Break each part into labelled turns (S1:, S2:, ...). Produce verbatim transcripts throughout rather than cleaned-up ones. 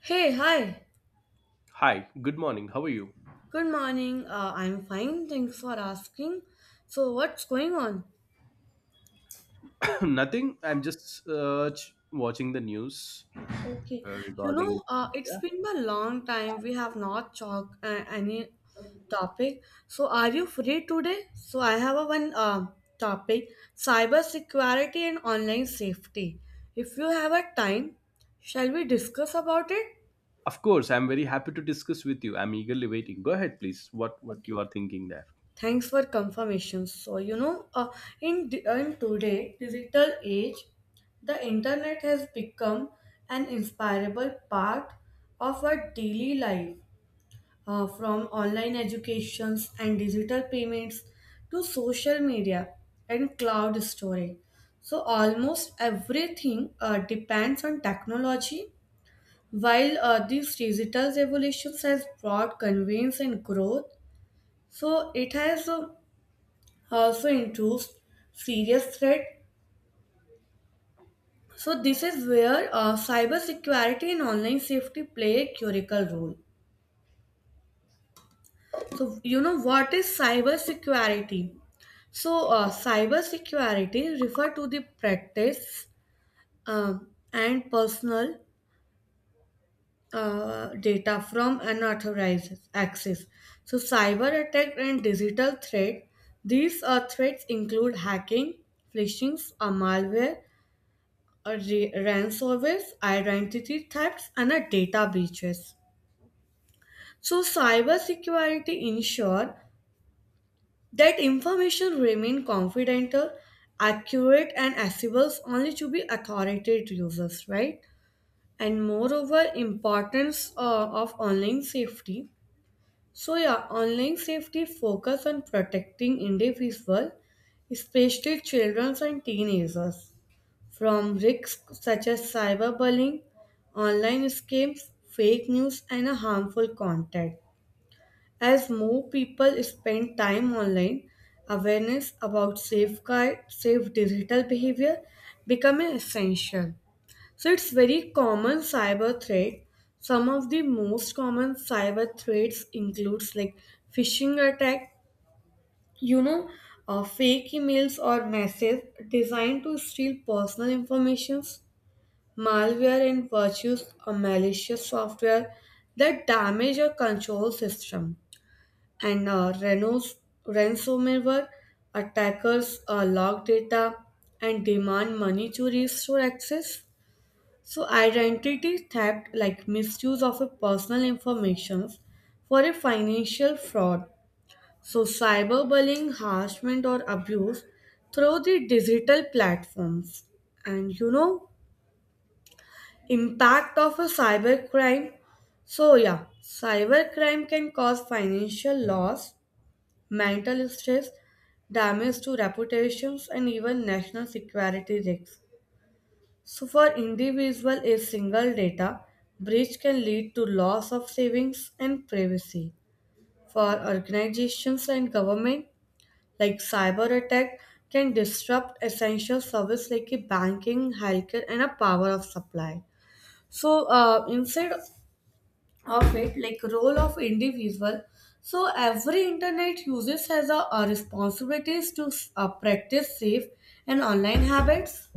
S1: Hey, hi.
S2: Hi, good morning. How are you?
S1: Good morning. Uh, I'm fine. Thanks for asking. So, what's going on?
S2: Nothing. I'm just uh, ch- watching the news
S1: Okay.
S2: uh,
S1: You know,
S2: regarding.
S1: uh, it's
S2: Yeah,
S1: been a long time. We have not talked uh, any topic. So, are you free today? So, I have a one uh, topic: cyber security and online safety. If you have a time, shall we discuss about it?
S2: of course. I'm very happy to discuss with you. I'm eagerly waiting. Go ahead, please. What what you are thinking there?
S1: Thanks for confirmation. So you know, uh, in di- in today digital age, the internet has become an inseparable part of our daily life. Uh, from online educations and digital payments to social media and cloud storage, so almost everything uh, depends on technology. While uh, these digital revolutions has brought convenience and growth, so it has uh, also introduced serious threat. So this is where uh, cybersecurity and online safety play a critical role. So you know what is cybersecurity? So uh, cybersecurity refer to the practice um, and personal uh, data from unauthorized access. So cyber attack and digital threat. These uh, threats include hacking, phishing, uh, malware, a re- ransomware, identity thefts, and a data breaches. So, cybersecurity ensure that information remain confidential, accurate, and accessible only to be authoritative users, right? And moreover, importance uh, of online safety. So, yeah, online safety focus on protecting individuals, especially children and teenagers from risks such as cyberbullying, online scams, fake news, and a harmful content. As more people spend time online, awareness about safeguard, safe digital behavior becoming essential. So it's very common cyber threat. Some of the most common cyber threats includes like phishing attack, you know, uh, fake emails or messages designed to steal personal information. Malware and virus or malicious software that damage your control system. And uh, Renos, ransomware attackers uh, log data and demand money to restore access. So, identity theft, like misuse of a personal information for a financial fraud. So, cyberbullying, harassment, or abuse through the digital platforms. And you know, impact of a cybercrime. So yeah, cybercrime can cause financial loss, mental stress, damage to reputations, and even national security risks. So for individual, a single data breach can lead to loss of savings and privacy. For organizations and government, like cyber attack can disrupt essential service like a banking, healthcare, and a power of supply. So uh, instead of it, like role of individual, so every internet users has a, a responsibilities to uh, practice safe and online habits.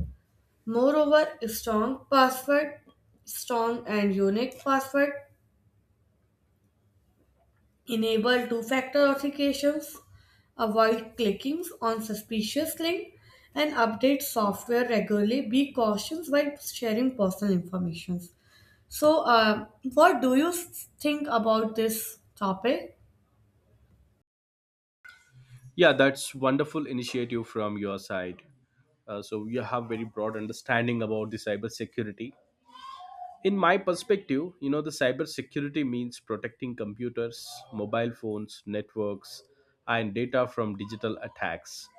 S1: Moreover, strong password, strong and unique password, enable two-factor authentications, avoid clickings on suspicious link, and update software regularly, be cautious while sharing personal information. So uh, what do you think about this topic?
S2: Yeah, that's wonderful initiative from your side. Uh, so you have very broad understanding about the cybersecurity. In my perspective, you know the cybersecurity means protecting computers, mobile phones, networks, and data from digital attacks.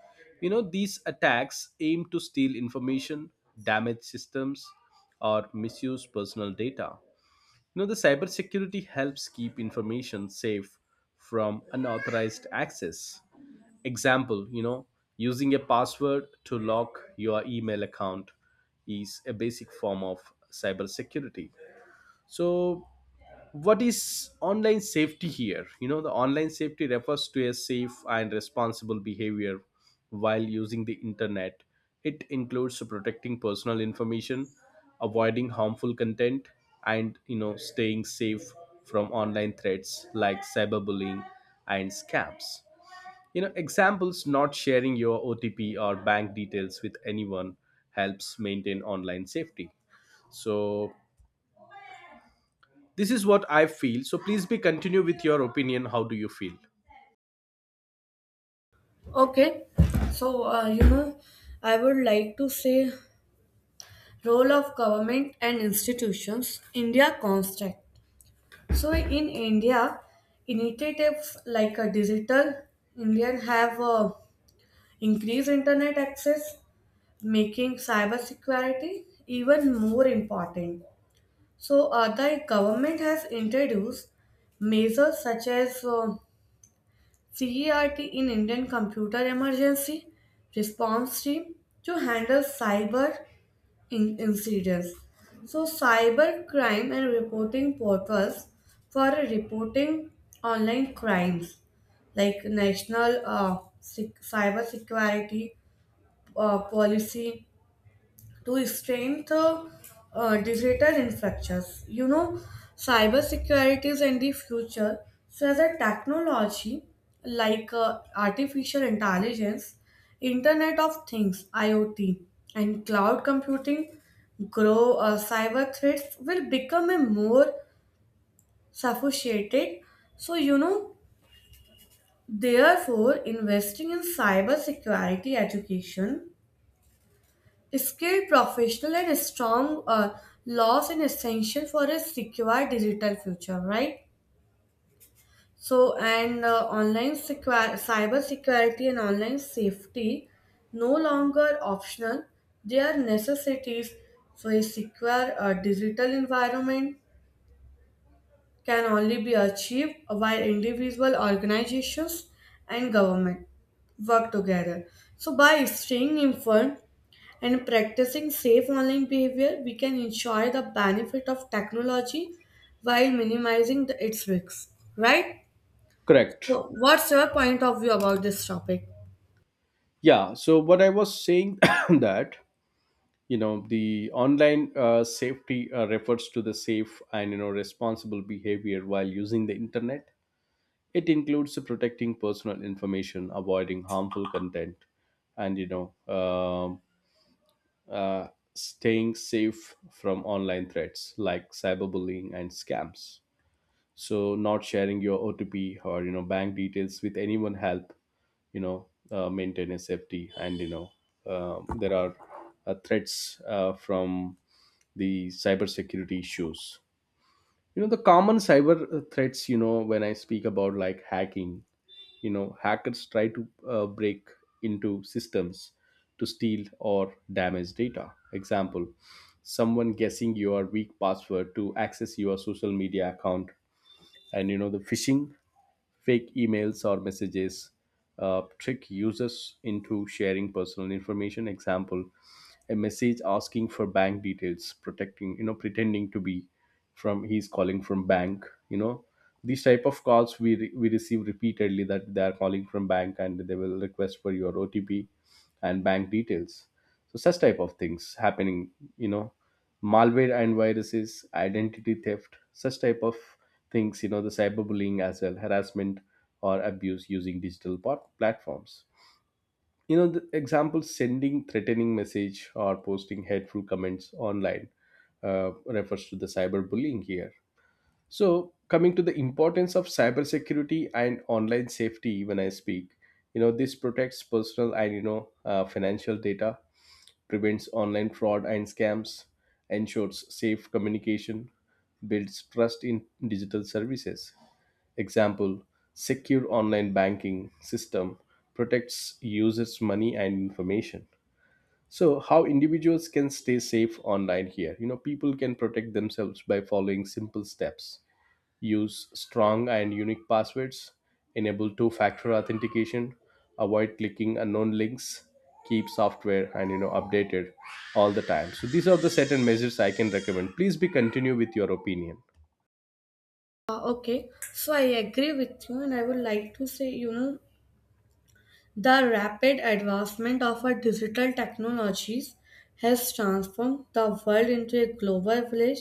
S2: you know these attacks aim to steal information, damage systems, or misuse personal data. you know the cybersecurity helps keep information safe from unauthorized access. Example, you know using a password to lock your email account is a basic form of cybersecurity. So what is online safety here? you know the online safety refers to a safe and responsible behavior while using the internet. It includes protecting personal information, avoiding harmful content, and you know staying safe from online threats like cyberbullying and scams. you know examples, not sharing your O T P or bank details with anyone helps maintain online safety. So this is what I feel. So please be continue with your opinion. How do you feel?
S1: Okay, so uh, you know, I would like to say role of government and institutions. India construct. So in India, initiatives like a digital Indian have uh, increased internet access, making cybersecurity even more important. So uh, the government has introduced measures such as uh, CERT in Indian Computer Emergency Response Team to handle cyber in- incidents. So, cyber crime and reporting portals for reporting online crimes like National uh, Sec- Cyber Security uh, Policy to strengthen uh, digital infrastructures. You know, cybersecurity is in the future. So, as a technology like uh, artificial intelligence, Internet of Things (IoT), and cloud computing grow, uh, cyber threats will become a more sophisticated. So, you know, therefore, investing in cybersecurity education, skilled professional, and strong uh, laws and essential for a secure digital future, right? So, and uh, online secure, cyber security and online safety no longer optional, they are necessities. So, a secure uh, digital environment can only be achieved while individual organizations and government work together. So, by staying informed, and practicing safe online behavior, we can enjoy the benefit of technology while minimizing the, its risks, right?
S2: Correct.
S1: So what's your point of view about this topic?
S2: Yeah. So what I was saying that, you know the online uh, safety uh, refers to the safe and, you know responsible behavior while using the internet. It includes protecting personal information, avoiding harmful content, and you know um uh, staying safe from online threats like cyberbullying and scams. So not sharing your otp or, you know bank details with anyone help, you know uh, maintain a safety. And, you know um, there are uh, threats uh, from the cybersecurity issues. you know the common cyber uh, threats, you know when I speak about, like, hacking, you know hackers try to uh, break into systems to steal or damage data. Example, someone guessing your weak password to access your social media account. And, you know the phishing, fake emails or messages uh, trick users into sharing personal information. Example, a message asking for bank details, protecting, you know pretending to be from, he's calling from bank. you know these type of calls we re- we receive repeatedly that they are calling from bank and they will request for your O T P and bank details. So such type of things happening, you know malware and viruses, identity theft, such type of things, you know the cyberbullying as well, harassment or abuse using digital pot- platforms. you know the example, sending threatening message or posting hateful comments online uh, refers to the cyberbullying here. So coming to the importance of cybersecurity and online safety, when I speak, you know this protects personal and, you know uh, financial data, prevents online fraud and scams, ensures safe communication, builds trust in digital services. Example, secure online banking system protects users' money and information. So how individuals can stay safe online here? You know, people can protect themselves by following simple steps: use strong and unique passwords, enable two factor authentication, avoid clicking unknown links, keep software and, you know updated all the time. So these are the certain measures I can recommend. Please be continue with your opinion.
S1: Uh, okay, so I agree with you, and I would like to say, you know, the rapid advancement of our digital technologies has transformed the world into a global village.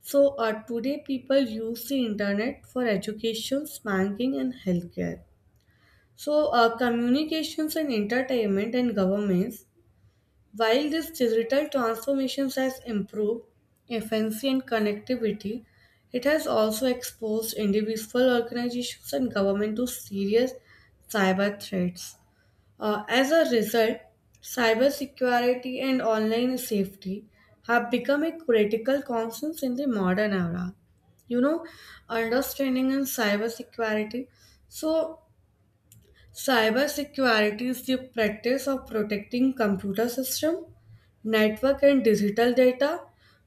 S1: So, uh, today people use the internet for education, banking, and healthcare. So, uh, communications and entertainment and governments, while this digital transformations has improved efficiency and connectivity, it has also exposed individual organizations and government to serious cyber threats. Uh, as a result, cybersecurity and online safety have become a critical concerns in the modern era. you know understanding in cybersecurity. So cybersecurity is the practice of protecting computer system, network and digital data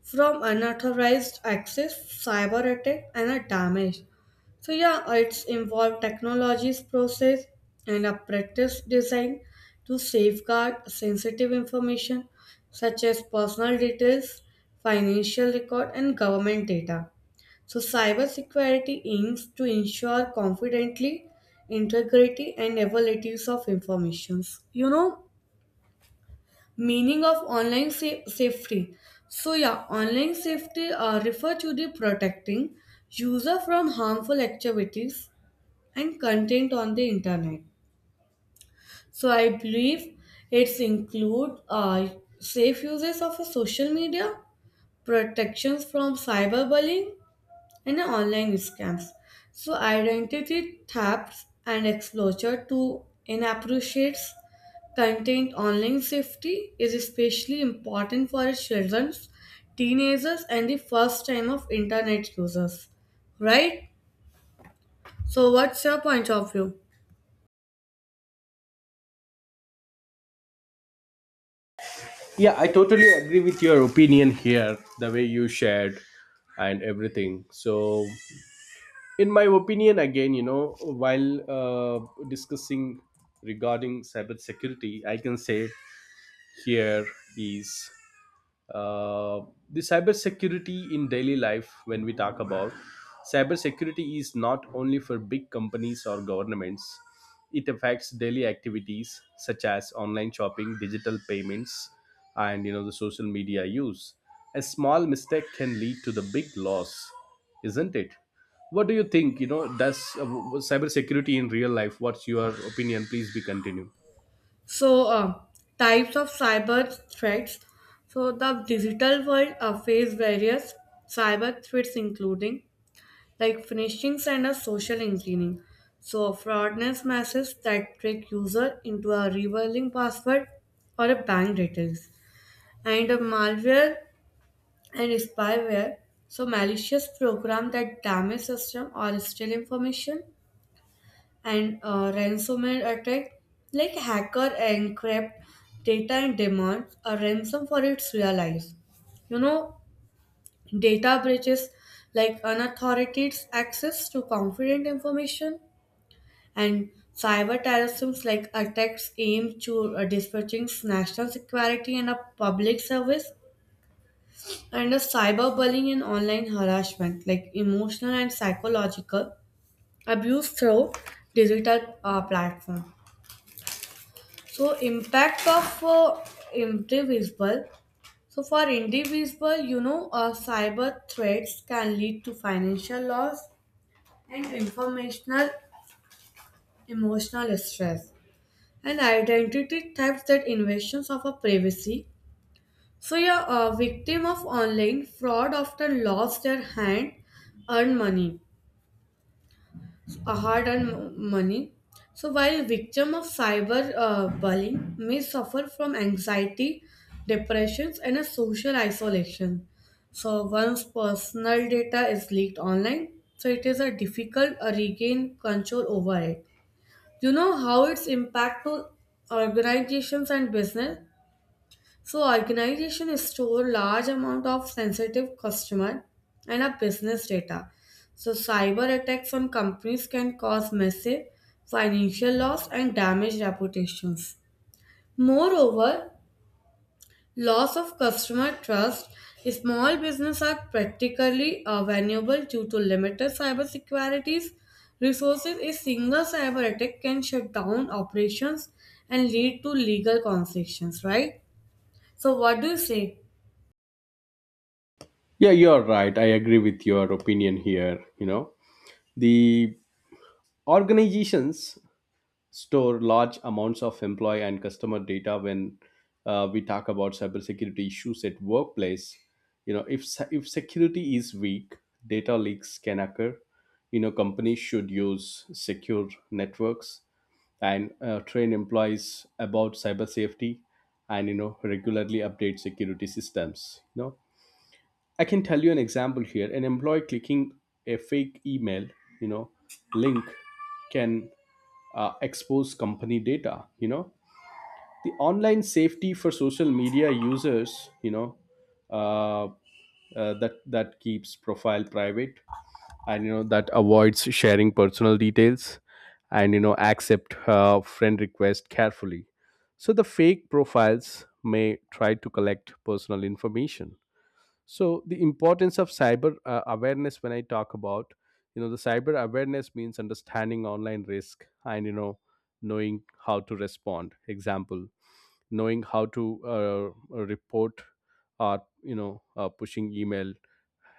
S1: from unauthorized access, cyber attack and a damage. So yeah, it's involved technologies process and a practice design to safeguard sensitive information such as personal details, financial record and government data. So, cybersecurity aims to ensure confidently integrity and availability of information. You know, meaning of online sa- safety. So, yeah, online safety uh, refer to the protecting user from harmful activities and content on the internet. So, I believe it's include uh, safe uses of a social media, protections from cyberbullying, in online scams. So identity thefts and exposure to inappropriate content online safety is especially important for children, teenagers and the first time of internet users. Right? So what's your point of view?
S2: Yeah, I totally agree with your opinion here, the way you shared and everything. So, in my opinion, again, you know, while uh, discussing regarding cybersecurity, I can say here is Uh, the cybersecurity in daily life, when we talk about cybersecurity, is not only for big companies or governments. It affects daily activities such as online shopping, digital payments, and, you know the social media use. A small mistake can lead to the big loss, isn't it? What do you think? You know, does uh, w- w- cybersecurity in real life? What's your opinion? Please be continue.
S1: So uh, types of cyber threats. So the digital world uh, face various cyber threats including like phishing and a social engineering. So fraudulent messages that trick user into a revealing password or a bank details. And a malware and spyware. So malicious program that damage system or steal information. And uh, ransomware attack like hacker encrypt data and demands a ransom for its realized. You know, data breaches like unauthorized access to confident information and cyber terrorism like attacks aimed to uh, disparaging national security and a public service and a cyberbullying and online harassment like emotional and psychological abuse through digital uh, platform. So impact of uh, individual. So for individual, you know uh, cyber threats can lead to financial loss and informational emotional stress and identity theft that invasions of our privacy. So, yeah, a victim of online fraud often lost their hand earned money, a hard earned m- money. So, while victim of cyber uh, bullying may suffer from anxiety, depressions, and a social isolation. So, once personal data is leaked online, so it is a difficult uh, regain control over it. You know how its impact to organizations and business. So organization store large amount of sensitive customer and a business data. So cyber attacks on companies can cause massive financial loss and damage reputations. Moreover, loss of customer trust. Small business are practically uh, vulnerable due to limited cyber securities resources. A single cyber attack can shut down operations and lead to legal consequences. Right. So what do you say?
S2: Yeah, you're right. I agree with your opinion here. You know, the organizations store large amounts of employee and customer data when uh, we talk about cybersecurity issues at workplace. you know if se- if security is weak, data leaks can occur. you know companies should use secure networks and uh, train employees about cyber safety, and, you know regularly update security systems. You know, I can tell you an example here. An employee clicking a fake email, you know, link can uh, expose company data. You know, the online safety for social media users, you know, uh, uh, that that keeps profile private, and, you know that avoids sharing personal details, and, you know accept uh, friend request carefully. So the fake profiles may try to collect personal information. So the importance of cyber uh, awareness, when I talk about, you know the cyber awareness means understanding online risk, and, you know knowing how to respond. Example, knowing how to uh, report or, you know uh, pushing email,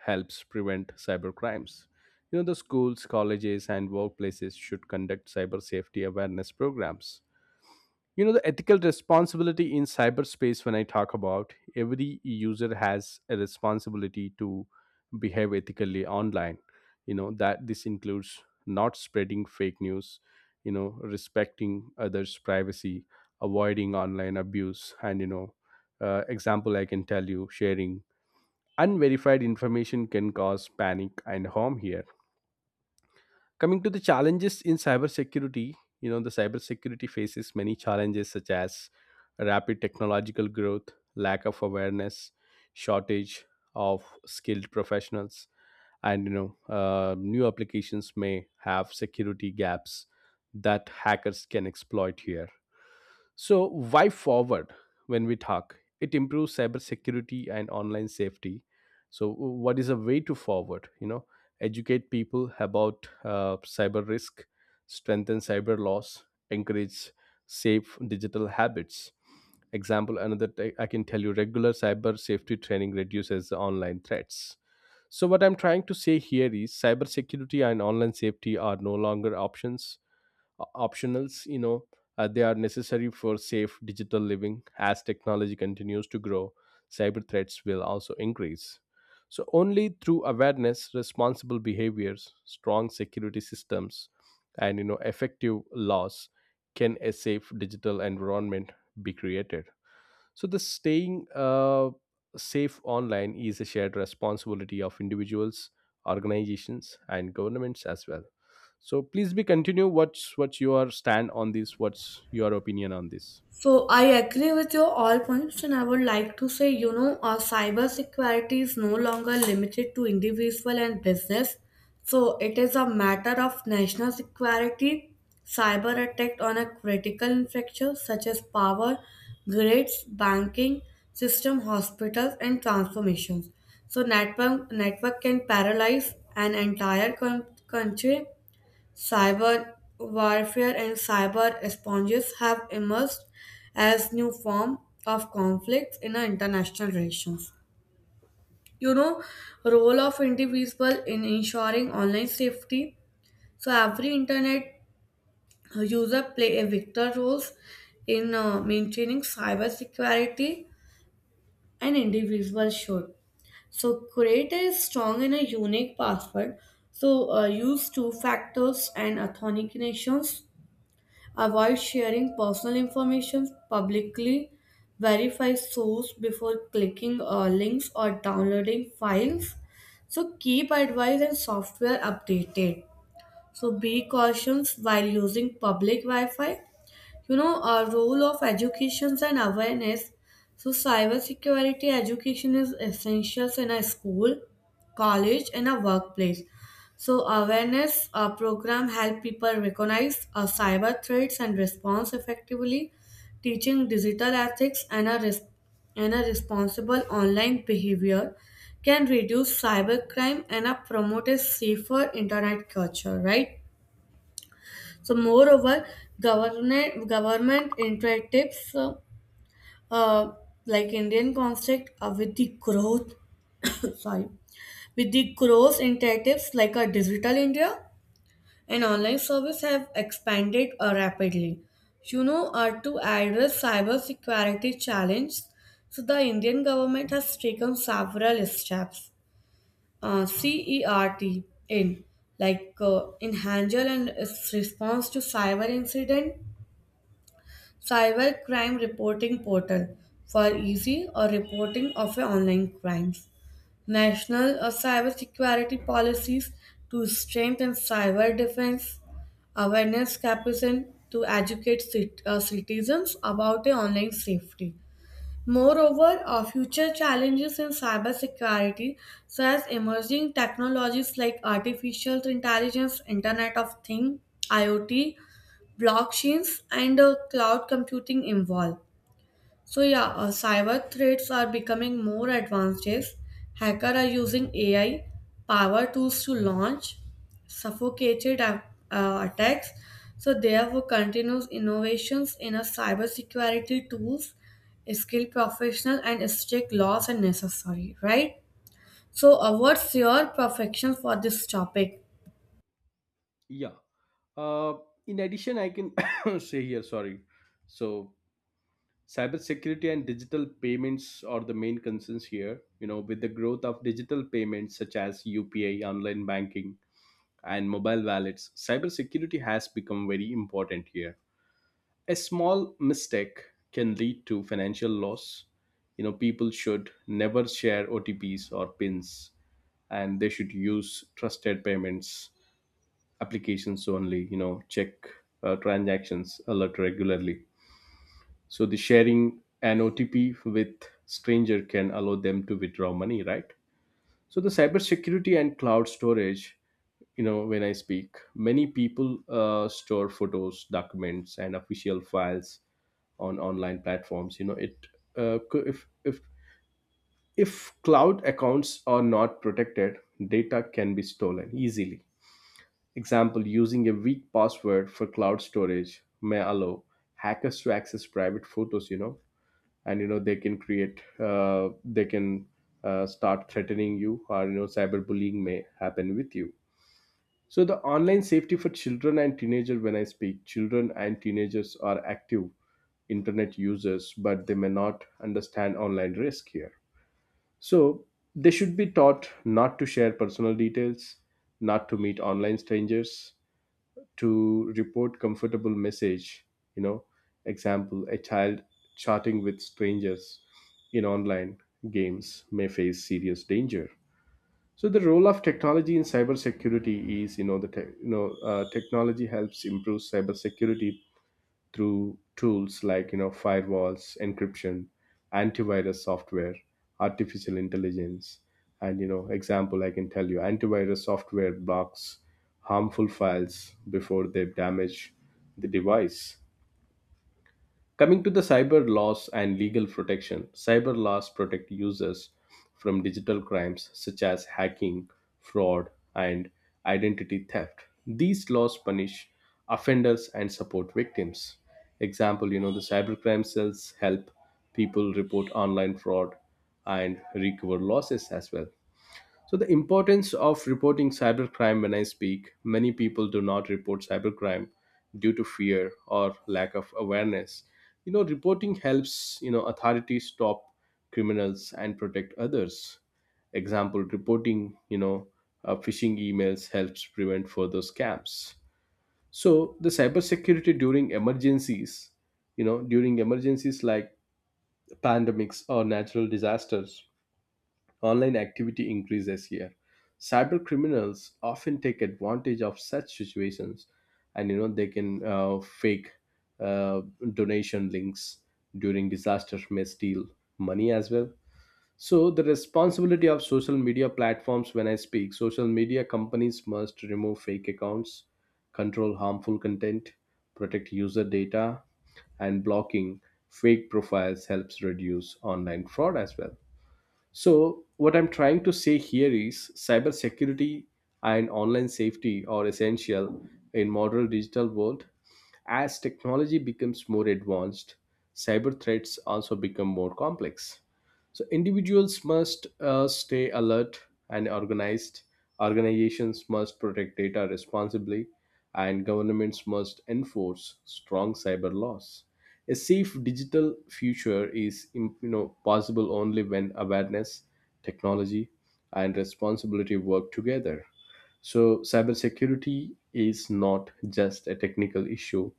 S2: helps prevent cyber crimes. you know the schools, colleges, and workplaces should conduct cyber safety awareness programs. you know the ethical responsibility in cyberspace, when I talk about, every user has a responsibility to behave ethically online. You know that this includes not spreading fake news, you know respecting others privacy, avoiding online abuse, and, you know uh, example, I can tell you, sharing unverified information can cause panic and harm here. Coming to the challenges in cybersecurity, you know, the cybersecurity faces many challenges such as rapid technological growth, lack of awareness, shortage of skilled professionals, and, you know, uh, new applications may have security gaps that hackers can exploit here. So, why forward when we talk? It improves cybersecurity and online safety. So, what is a way to forward? You know, educate people about uh, cyber risk, strengthen cyber laws, encourage safe digital habits. Example, another t- I can tell you, regular cyber safety training reduces online threats. So, what I'm trying to say here is cybersecurity and online safety are no longer options, O- optionals, you know uh, they are necessary for safe digital living. As technology continues to grow, cyber threats will also increase. So only through awareness, responsible behaviors, strong security systems, and, you know effective laws can a safe digital environment be created. So, the staying uh, safe online is a shared responsibility of individuals, organizations, and governments as well. So, please be continue. What's what's your stand on this? What's your opinion on this?
S1: So I agree with your all points, and I would like to say, you know, uh, cyber security is no longer limited to individual and business. So it is a matter of national security. Cyber attack on a critical infrastructure such as power, grids, banking system, hospitals, and transformations. So network network can paralyze an entire coun- country. Cyber warfare and cyber responses have emerged as new form of conflicts in our international relations. You know, role of individual in ensuring online safety. So every internet user play a vital roles in uh, maintaining cyber security and individual should. So create a strong and a unique password. So uh, use two factors and authentications. Avoid sharing personal information publicly. Verify source before clicking uh, links or downloading files. So keep advice and software updated. So be cautious while using public Wi-Fi. you know a role of education and awareness. So cybersecurity education is essential in a school, college, and a workplace. So awareness uh, program help people recognize uh, cyber threats and response effectively, teaching digital ethics and a, res- and a responsible online behavior can reduce cybercrime and uh, promote a safer internet culture, right? So, moreover, government government interactives uh, uh, like Indian construct uh, with the growth sorry with the growth interactives like a digital India and online service have expanded uh, rapidly. You know, uh, to address cybersecurity challenge, so the Indian government has taken several steps. Uh, CERT in like uh, in and its response to cyber incident. Cybercrime Reporting Portal for easy or reporting of your online crimes. National uh, cybersecurity policies to strengthen cyber defense. Awareness campaign to educate cit- uh, citizens about their online safety. Moreover, uh, future challenges in cybersecurity, such as emerging technologies like artificial intelligence, Internet of Things, IoT, blockchains and uh, cloud computing involved. So yeah, uh, cyber threats are becoming more advanced. Days. Hackers are using A I power tools to launch suffocated a- uh, attacks. So therefore, continuous innovations in a cybersecurity tools, skilled professional, and strict laws are necessary. Right. So, uh, what's your perfection for this topic?
S2: Yeah. Uh, in addition, I can say here, sorry. So, cybersecurity and digital payments are the main concerns here. You know, with the growth of digital payments such as U P I, online banking, and mobile wallets, cybersecurity has become very important here. A small mistake can lead to financial loss. You know, people should never share O T Ps or PINs, and they should use trusted payments applications only. You know, check uh, transactions alert regularly. So the sharing an O T P with stranger can allow them to withdraw money, right? So the cybersecurity and cloud storage, you know, when I speak, many people uh, store photos, documents, and official files on online platforms. You know, it uh, co- if if if cloud accounts are not protected, data can be stolen easily. Example: using a weak password for cloud storage may allow hackers to access private photos. You know, and, you know they can create uh, they can uh, start threatening you, or, you know cyberbullying may happen with you. So the online safety for children and teenagers, when I speak, children and teenagers are active internet users, but they may not understand online risk here. So they should be taught not to share personal details, not to meet online strangers, to report comfortable message, you know. Example, a child chatting with strangers in online games may face serious danger. So the role of technology in cybersecurity is, you know the te- you know uh, technology helps improve cybersecurity through tools like, you know firewalls, encryption, antivirus software, artificial intelligence, and, you know example, I can tell you antivirus software blocks harmful files before they damage the device. Coming to the cyber laws and legal protection, cyber laws protect users from digital crimes such as hacking, fraud, and identity theft. These laws punish offenders and support victims. Example, you know, the cybercrime cells help people report online fraud and recover losses as well. So, the importance of reporting cybercrime, when I speak, many people do not report cybercrime due to fear or lack of awareness. You know, reporting helps, you know, authorities stop criminals and protect others. Example, reporting, you know, uh, phishing emails helps prevent further scams. So, the cybersecurity during emergencies, you know, during emergencies like pandemics or natural disasters, online activity increases here. Cyber criminals often take advantage of such situations, and, you know they can uh, fake uh, donation links during disasters, may steal money as well. So the responsibility of social media platforms. When I speak, social media companies must remove fake accounts, control harmful content, protect user data, and blocking fake profiles helps reduce online fraud as well. So, what I'm trying to say here is cybersecurity and online safety are essential in modern digital world. As technology becomes more advanced, cyber threats also become more complex. So, individuals must uh, stay alert and organized. Organizations must protect data responsibly, and governments must enforce strong cyber laws. A safe digital future is im- you know possible only when awareness, technology, and responsibility work together. So cybersecurity is not just a technical issue;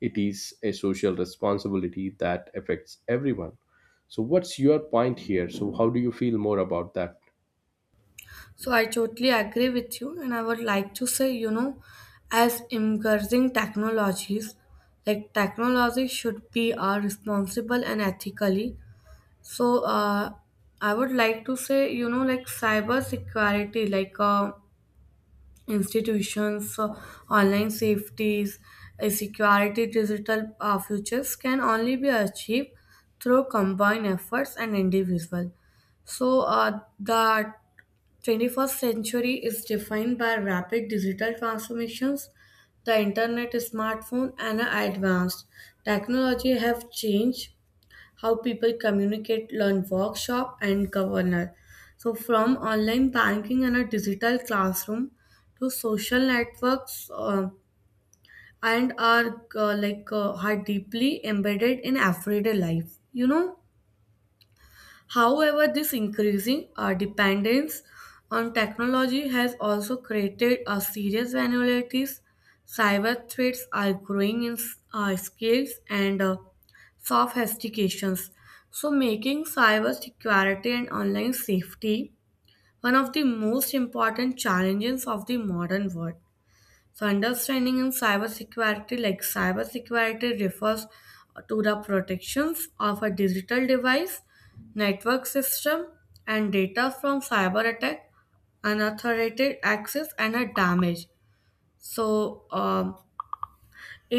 S2: it is a social responsibility that affects everyone. So what's your point here? So how do you feel more about that?
S1: So I totally agree with you, and I would like to say, you know, as emerging technologies, like technology should be uh, responsible and ethically. So uh, I would like to say, you know, like cyber security, like uh, institutions, uh, online safeties, uh, security, digital uh, futures can only be achieved through combined efforts and individual. So uh, the twenty-first century is defined by rapid digital transformations. The internet, smartphone, and advanced technology have changed how people communicate, learn, work, shop, and govern. So, from online banking and a digital classroom to social networks, uh, and are uh, like uh, are deeply embedded in everyday life. You know. However, this increasing uh, dependence on technology has also created a serious vulnerabilities. Cyber threats are growing in uh, scales and uh, sophistications, so making cyber security and online safety one of the most important challenges of the modern world. So, understanding in cybersecurity, like cybersecurity refers to the protections of a digital device, network system, and data from cyber attack, unauthorized access, and a damage. So, um,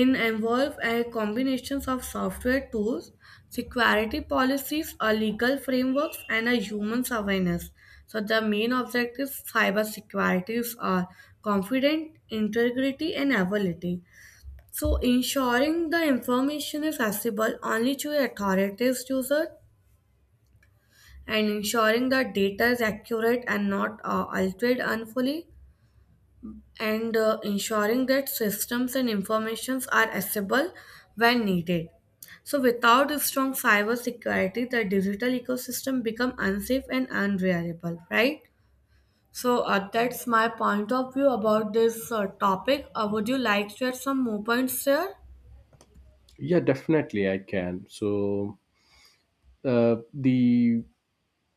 S1: in involve a combinations of software tools, security policies, or legal frameworks, and a human awareness. So the main objectives: cybersecurities are confident, integrity, and availability. So ensuring the information is accessible only to authorized users and ensuring that data is accurate and not uh, altered unfully and uh, ensuring that systems and informations are accessible when needed. So without a strong cyber security, the digital ecosystem become unsafe and unreliable, right? So uh, that's my point of view about this uh, topic. Uh, would you like to add some more points here?
S2: Yeah, definitely I can. So uh, the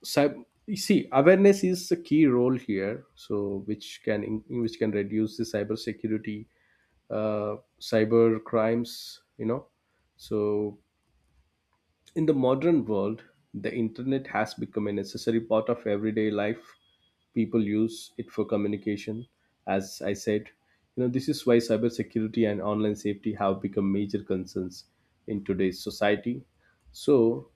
S2: cyber, you see, awareness is a key role here, so which can in- which can reduce the cyber security uh, cyber crimes, you know. So in the modern world, the internet has become a necessary part of everyday life. People use it for communication, as I said. You know, this is why cybersecurity and online safety have become major concerns in today's society. So,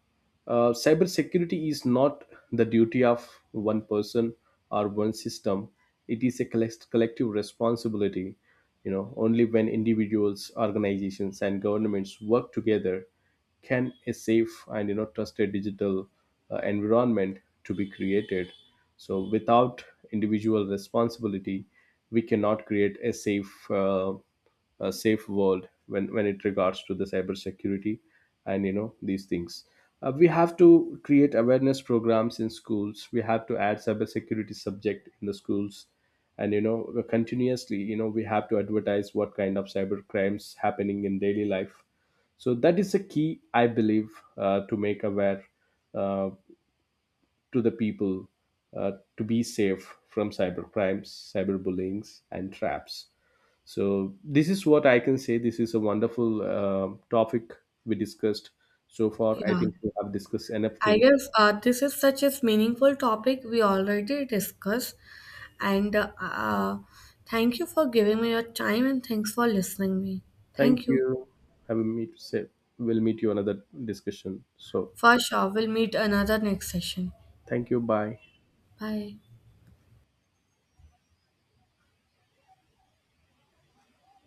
S2: uh, cybersecurity is not the duty of one person or one system. It is a collect- collective responsibility. You know, only when individuals, organizations, and governments work together can a safe and, you know trusted digital uh, environment to be created. So without individual responsibility, we cannot create a safe uh, a safe world when when it regards to the cybersecurity and, you know these things, uh, we have to create awareness programs in schools. We have to add cybersecurity subject in the schools, and, you know continuously, you know we have to advertise what kind of cyber crimes happening in daily life. So that is a key, I believe, uh, to make aware uh, to the people uh, to be safe from cyber crimes, cyber cyberbullyings and traps. So this is what I can say. This is a wonderful uh, topic we discussed. So far, I
S1: Yeah,
S2: think we have discussed enough
S1: I
S2: things.
S1: guess uh, this is such a meaningful topic we already discussed. And uh, uh, thank you for giving me your time and thanks for listening me.
S2: Thank
S1: Thank you.
S2: you. Have a meet, say, we'll meet you another discussion. So
S1: For sure. We'll meet another next session.
S2: thank you, bye.
S1: Bye.